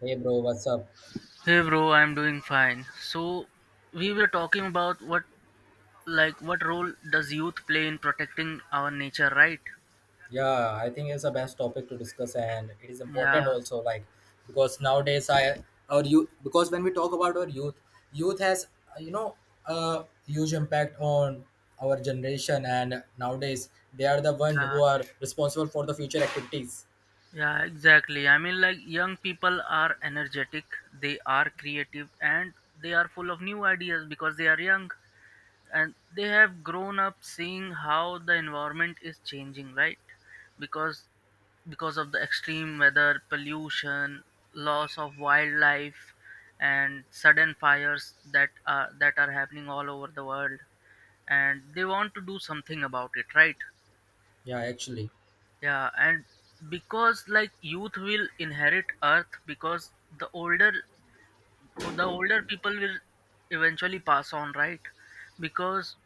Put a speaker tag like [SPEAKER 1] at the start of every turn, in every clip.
[SPEAKER 1] Hey bro, what's up?
[SPEAKER 2] Hey bro, I'm doing fine. So we were talking about what role does youth play in protecting our nature, right?
[SPEAKER 1] Yeah, I think it's the best topic to discuss, and it is important
[SPEAKER 2] Yeah,
[SPEAKER 1] also, like because nowadays I our youth because when we talk about our youth, youth has a huge impact on our generation, and nowadays they are the one
[SPEAKER 2] yeah,
[SPEAKER 1] who are responsible for the future activities.
[SPEAKER 2] yeah, exactly. Young people are energetic, they are creative, and they are full of new ideas because they are young. And they have grown up seeing how the environment is changing, right? Because because of the extreme weather, pollution, loss of wildlife, and sudden fires that are happening all over the world, and they want to do something about it, right?
[SPEAKER 1] Yeah, actually.
[SPEAKER 2] Yeah. And because like youth will inherit earth because the older the older people will eventually pass on, right? Because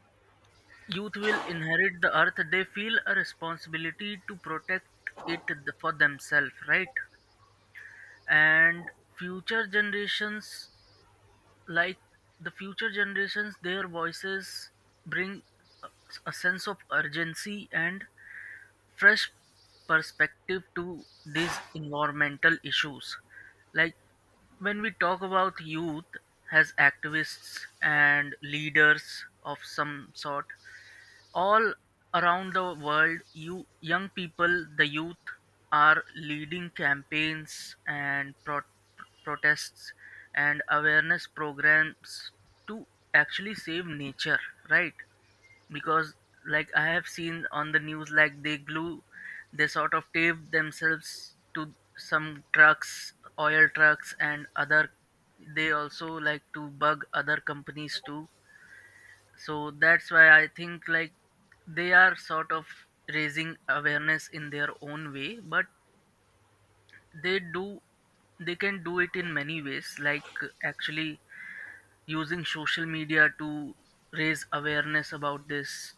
[SPEAKER 2] youth will inherit the earth, they feel a responsibility to protect it for themselves, right? And future generations, like the future generations, their voices bring a a sense of urgency and fresh perspective to these environmental issues. Like, when we talk about youth as activists and leaders of some sort all around the world, you young people, the youth, are leading campaigns and protests and awareness programs to actually save nature, right? Because, I have seen on the news, they glue, they sort of tape themselves to some trucks, oil trucks, and other, they also like to bug other companies too. So that's why I think they are sort of raising awareness in their own way, but they do they can do it in many ways, like actually using social media to raise awareness about this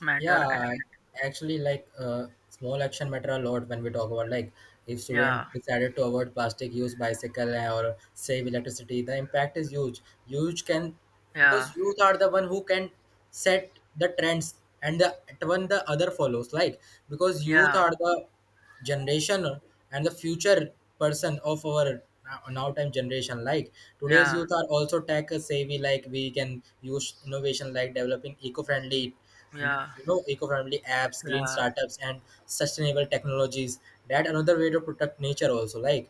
[SPEAKER 2] matter.
[SPEAKER 1] Yeah,
[SPEAKER 2] And
[SPEAKER 1] actually, like small action matter a lot when we talk about like if
[SPEAKER 2] yeah,
[SPEAKER 1] student decided to avoid plastic use bicycle or save electricity, the impact is huge. Huge can
[SPEAKER 2] yeah,
[SPEAKER 1] because youth are the one who can set the trends and the one the other follows. Like, because youth
[SPEAKER 2] yeah,
[SPEAKER 1] are the generation and the future person of our now time generation. Like, today's
[SPEAKER 2] yeah,
[SPEAKER 1] youth are also tech savvy, like we can use innovation like developing eco-friendly
[SPEAKER 2] yeah,
[SPEAKER 1] eco-friendly apps, green
[SPEAKER 2] yeah,
[SPEAKER 1] startups, and sustainable technologies. That another way to protect nature also, like,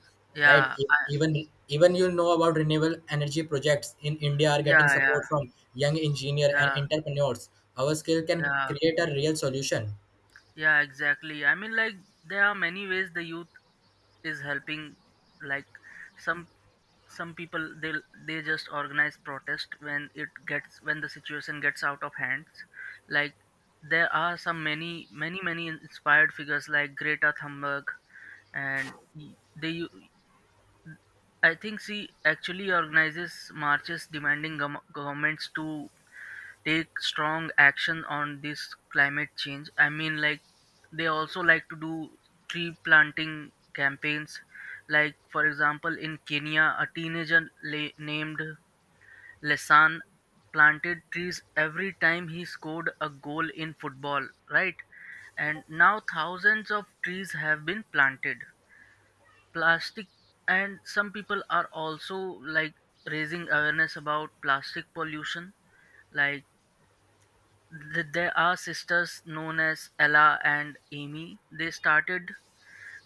[SPEAKER 1] right.
[SPEAKER 2] yeah,
[SPEAKER 1] Even even you know about renewable energy projects in India are getting
[SPEAKER 2] yeah, yeah,
[SPEAKER 1] support from young engineer and
[SPEAKER 2] yeah,
[SPEAKER 1] entrepreneurs. Our skill can
[SPEAKER 2] yeah,
[SPEAKER 1] create a real solution.
[SPEAKER 2] yeah, exactly. I mean, there are many ways the youth is helping. Like some some people, they just organize protest when it gets when the situation gets out of hands. Like, there are some many inspired figures like Greta Thunberg, and they u- I think she actually organizes marches demanding governments to take strong action on this climate change. I mean, they also like to do tree planting campaigns, like for example, in Kenya, a teenager named Lesan planted trees every time he scored a goal in football, right? And now thousands of trees have been planted. Plastic, and some people are also like raising awareness about plastic pollution. Like, there are sisters known as Ella and Amy. They started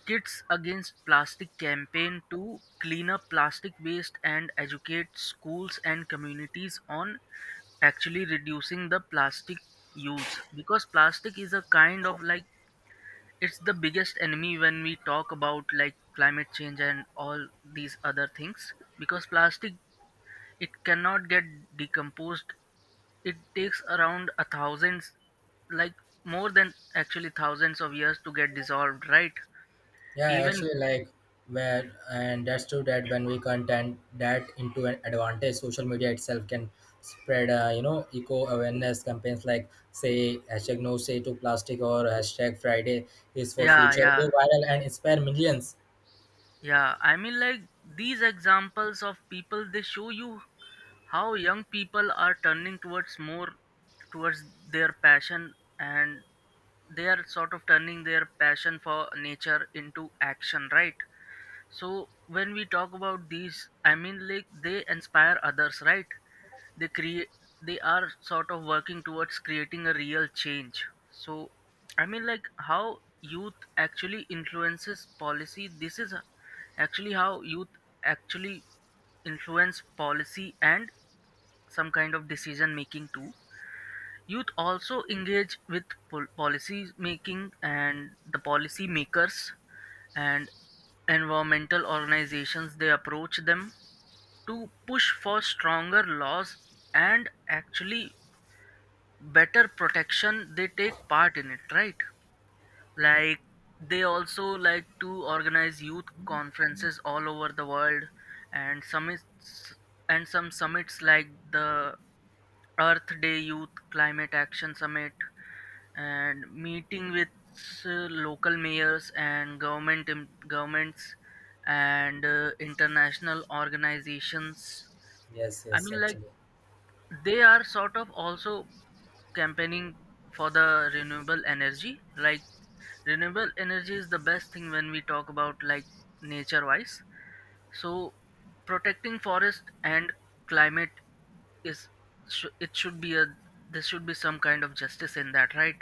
[SPEAKER 2] Kids Against Plastic campaign to clean up plastic waste and educate schools and communities on actually reducing the plastic use, because plastic is a kind of like, it's the biggest enemy when we talk about climate change and all these other things, because plastic, it cannot get decomposed. It takes around a thousand, like more than actually thousands of years to get dissolved, right?
[SPEAKER 1] Yeah,
[SPEAKER 2] Even
[SPEAKER 1] actually, like where, and that's true that when we content that into an advantage, social media itself can spread, eco awareness campaigns like say hashtag no say to plastic or hashtag Friday is for
[SPEAKER 2] yeah,
[SPEAKER 1] future
[SPEAKER 2] yeah.
[SPEAKER 1] go viral and inspire millions.
[SPEAKER 2] Yeah, I mean, these examples of people, they show you how young people are turning towards more towards their passion, and they are sort of turning their passion for nature into action, right? So, when we talk about these, I mean, they inspire others, right? They create, they are sort of working towards creating a real change. So I mean, how youth actually influences policy, this is actually how youth actually influence policy and some kind of decision making too. Youth also engage with policy making and the policy makers and environmental organizations. They approach them to push for stronger laws and actually better protection. They take part in it, right? Like, they also like to organize youth conferences all over the world and summits, and some summits like the Earth Day Youth Climate Action Summit, and meeting with local mayors and government governments and international organizations.
[SPEAKER 1] Yes,
[SPEAKER 2] I
[SPEAKER 1] yes,
[SPEAKER 2] mean,
[SPEAKER 1] actually.
[SPEAKER 2] they are sort of also campaigning for the renewable energy. Like, renewable energy is the best thing when we talk about nature wise. So, protecting forest and climate is it should be a, there should be some kind of justice in that, right?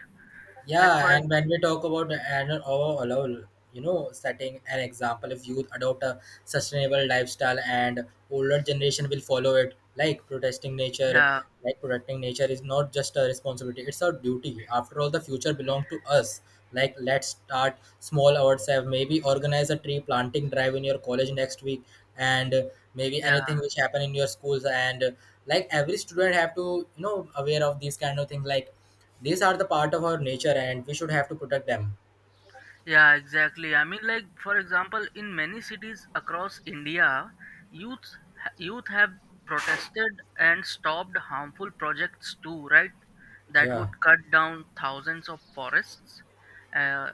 [SPEAKER 2] Like
[SPEAKER 1] Yeah,
[SPEAKER 2] for
[SPEAKER 1] and when we talk about an overall, setting an example, if youth adopt a sustainable lifestyle and older generation will follow it, like protesting nature,
[SPEAKER 2] yeah,
[SPEAKER 1] like protecting nature is not just a responsibility, it's our duty. After all, the future belongs to us. Like, let's start small ourselves. Maybe organize a tree planting drive in your college next week, and maybe
[SPEAKER 2] yeah.
[SPEAKER 1] anything which happen in your schools. And like every student have to, aware of these kind of things. Like, these are the part of our nature, and we should have to protect them.
[SPEAKER 2] Yeah, exactly. I mean, like for example, in many cities across India, youths youth have protested and stopped harmful projects too, right? That would
[SPEAKER 1] Yeah,
[SPEAKER 2] cut down thousands of forests, uh,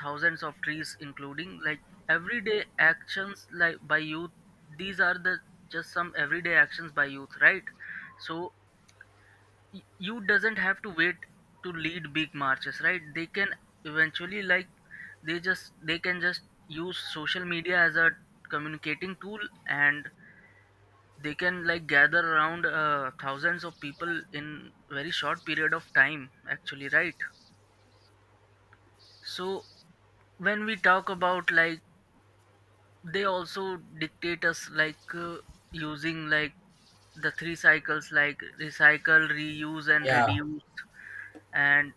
[SPEAKER 2] thousands of trees, including everyday actions by youth. These are the, just some everyday actions by youth, right? So you doesn't have to wait to lead big marches, right? They can eventually they can just use social media as a communicating tool, and they can gather around thousands of people in very short period of time actually, right? So when we talk about they also dictate us like, using like the three cycles, like recycle, reuse, and
[SPEAKER 1] yeah,
[SPEAKER 2] reduce, and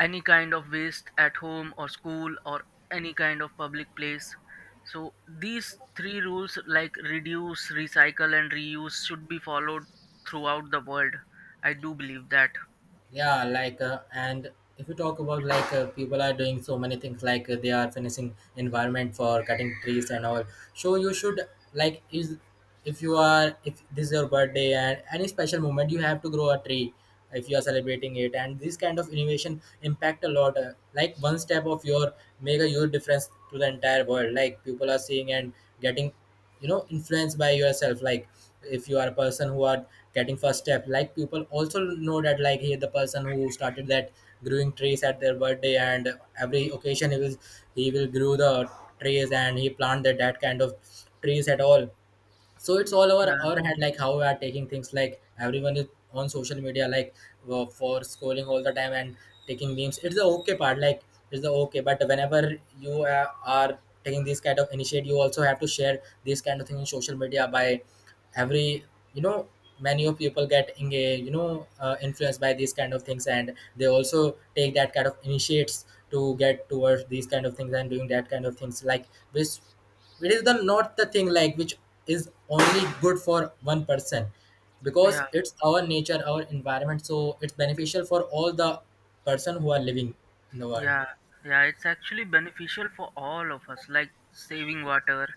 [SPEAKER 2] any kind of waste at home or school or any kind of public place. So these three rules, like reduce, recycle, and reuse should be followed throughout the world. I do believe that.
[SPEAKER 1] yeah. Like, and if you talk about like people are doing so many things, like they are finishing environment for cutting trees and all. So you should, like is, if you are, if this is your birthday and any special moment, you have to grow a tree if you are celebrating it. And this kind of innovation impact a lot. Like, one step of your make a huge difference to the entire world. Like, people are seeing and getting influenced by yourself, like if you are a person who are getting first step, like people also know that, like he, the person who started that, growing trees at their birthday and every occasion, he will grow the trees, and he planted that kind of trees at all. So it's all over
[SPEAKER 2] Yeah,
[SPEAKER 1] our hand, like how we are taking things, like everyone is on social media, like for scrolling all the time and taking memes. It's the okay part. Like, it's the okay, but whenever you are taking this kind of initiative, you also have to share this kind of thing on social media by every, you know many of people get engaged, influenced by these kind of things, and they also take that kind of initiates to get towards these kind of things and doing that kind of things like this. It is the not the thing like which is only good for one person, because
[SPEAKER 2] yeah.
[SPEAKER 1] it's our nature, our environment, so it's beneficial for all the person who are living in the world.
[SPEAKER 2] Yeah, yeah, it's actually beneficial for all of us, like saving water,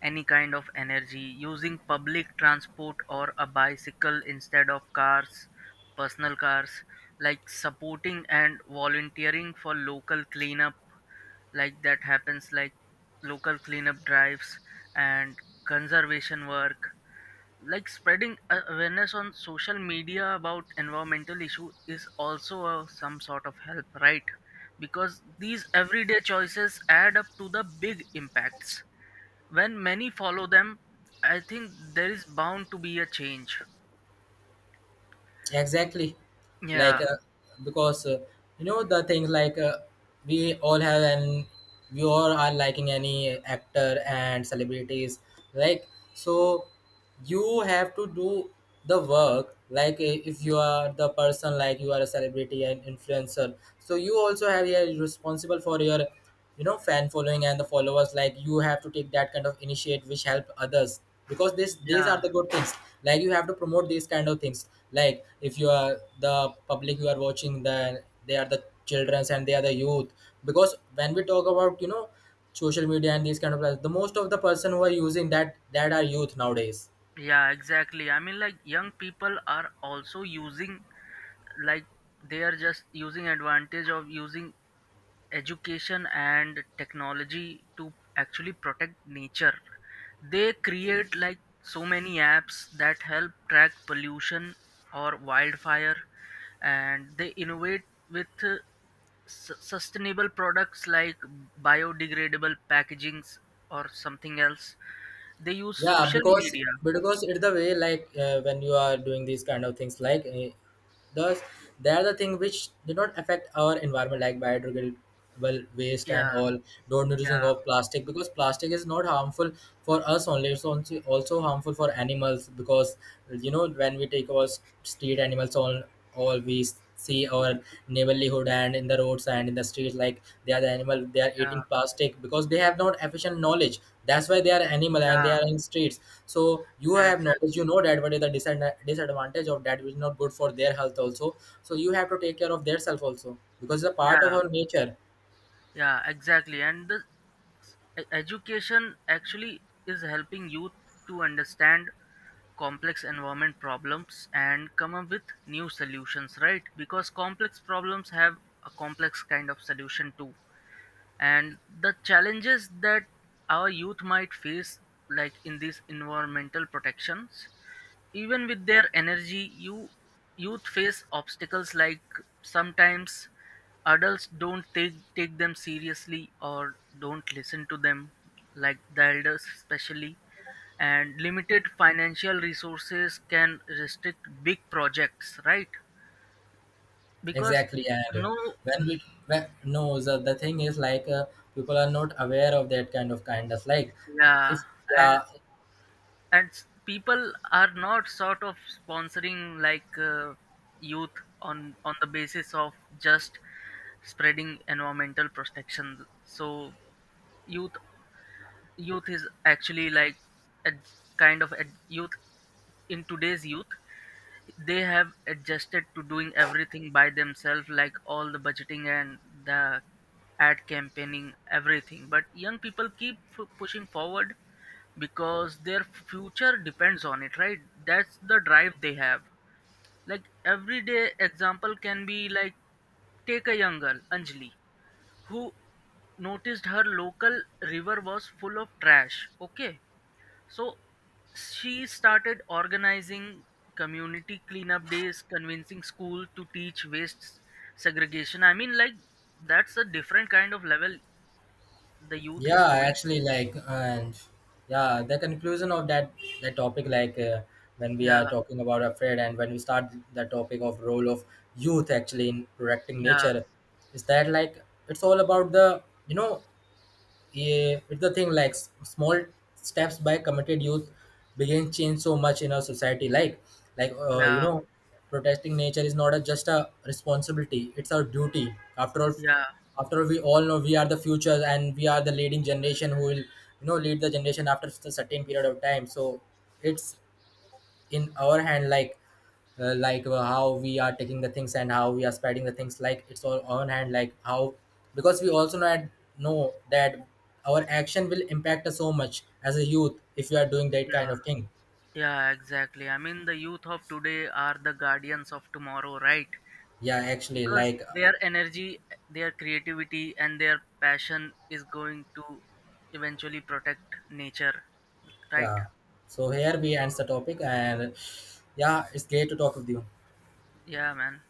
[SPEAKER 2] any kind of energy, using public transport or a bicycle instead of cars, personal cars, like supporting and volunteering for local cleanup, like that happens, like local cleanup drives and conservation work, like spreading awareness on social media about environmental issue is also a, some sort of help, right? Because these everyday choices add up to the big impacts. When many follow them, I think there is bound to be a change.
[SPEAKER 1] Exactly. Like,
[SPEAKER 2] Yeah,
[SPEAKER 1] because the things like, we all have, and we all are liking any actor and celebrities, like. So you have to do the work, like. Uh, if you are the person, like you are a celebrity and influencer, so you also have, you're responsible for your fan following and the followers. Like, you have to take that kind of initiate which help others, because this these are
[SPEAKER 2] yeah.
[SPEAKER 1] the good things. Like, you have to promote these kind of things. Like, if you are the public, you are watching the, they are the childrens, and they are the youth, because when we talk about, social media and these kind of, the most of the person who are using that that are youth nowadays.
[SPEAKER 2] Yeah, exactly. I mean, young people are also using like they are just using advantage of using education and technology to actually protect nature. They create so many apps that help track pollution or wildfire, and they innovate with sustainable products like biodegradable packagings or something else. They use
[SPEAKER 1] Yeah,
[SPEAKER 2] social
[SPEAKER 1] because
[SPEAKER 2] media.
[SPEAKER 1] because it's the way, like when you are doing these kind of things, like thus they are the thing which do not affect our environment, like biodegradable waste
[SPEAKER 2] Yeah,
[SPEAKER 1] and all. Don't using
[SPEAKER 2] yeah,
[SPEAKER 1] of plastic, because plastic is not harmful for us only, it's also harmful for animals, because when we take our street animals on, all we see, our neighborhood and in the roads and in the streets, like they are the animal, they are
[SPEAKER 2] yeah,
[SPEAKER 1] eating plastic because they have not efficient knowledge. That's why they are animal and they
[SPEAKER 2] yeah,
[SPEAKER 1] are in streets, so you
[SPEAKER 2] yeah,
[SPEAKER 1] have knowledge, you
[SPEAKER 2] exactly.
[SPEAKER 1] know that what is the disadvantage of that which is not good for their health also. So you have to take care of their self also, because it's a part of
[SPEAKER 2] Yeah,
[SPEAKER 1] our nature.
[SPEAKER 2] yeah, exactly. And the, education actually is helping youth to understand complex environment problems and come up with new solutions, right? Because complex problems have a complex kind of solution too. And the challenges that our youth might face, like in these environmental protections, even with their energy, youth face obstacles like sometimes adults don't take them seriously or don't listen to them, like the elders especially. And limited financial resources can restrict big projects, right? Because
[SPEAKER 1] Exactly. And
[SPEAKER 2] no,
[SPEAKER 1] when we no, the thing is, like people are not aware of that kind of kindness, like
[SPEAKER 2] yeah,
[SPEAKER 1] if.
[SPEAKER 2] and
[SPEAKER 1] Yeah,
[SPEAKER 2] people are not sort of sponsoring like, youth on the basis of just spreading environmental protection. So youth youth is actually like a kind of a youth, in today's youth, they have adjusted to doing everything by themselves, like all the budgeting and the ad campaigning, everything. But young people keep pushing forward, because their future depends on it, right? That's the drive they have. Like, everyday example can be like, take a young girl, Anjali, who noticed her local river was full of trash, okay? So she started organizing community cleanup days, convincing school to teach waste segregation. I mean, that's a different kind of level the youth is
[SPEAKER 1] yeah,
[SPEAKER 2] doing.
[SPEAKER 1] actually, like. And yeah, the conclusion of that topic, like when we are
[SPEAKER 2] Yeah,
[SPEAKER 1] talking about afraid, and when we start the topic of role of youth, actually, in protecting
[SPEAKER 2] yeah,
[SPEAKER 1] nature, is that, like, it's all about the, you know yeah, it's the thing, like small steps by committed youth begin change so much in our society. Like,
[SPEAKER 2] yeah,
[SPEAKER 1] protesting nature is not a, just a responsibility, it's our duty, after all
[SPEAKER 2] yeah,
[SPEAKER 1] after all we all know we are the future, and we are the leading generation who will, lead the generation after a certain period of time. So it's in our hand, like how we are taking the things and how we are spreading the things, like it's all on hand, like how, because we also not know that our action will impact us so much as a youth if we are doing that kind
[SPEAKER 2] yeah.
[SPEAKER 1] of thing.
[SPEAKER 2] Yeah, exactly. I mean, the youth of today are the guardians of tomorrow, right?
[SPEAKER 1] Yeah, actually,
[SPEAKER 2] Because
[SPEAKER 1] like
[SPEAKER 2] their energy, their creativity, and their passion is going to eventually protect nature, right?
[SPEAKER 1] yeah, so here we ends the topic, and yeah, it's great to talk with you.
[SPEAKER 2] Yeah, man.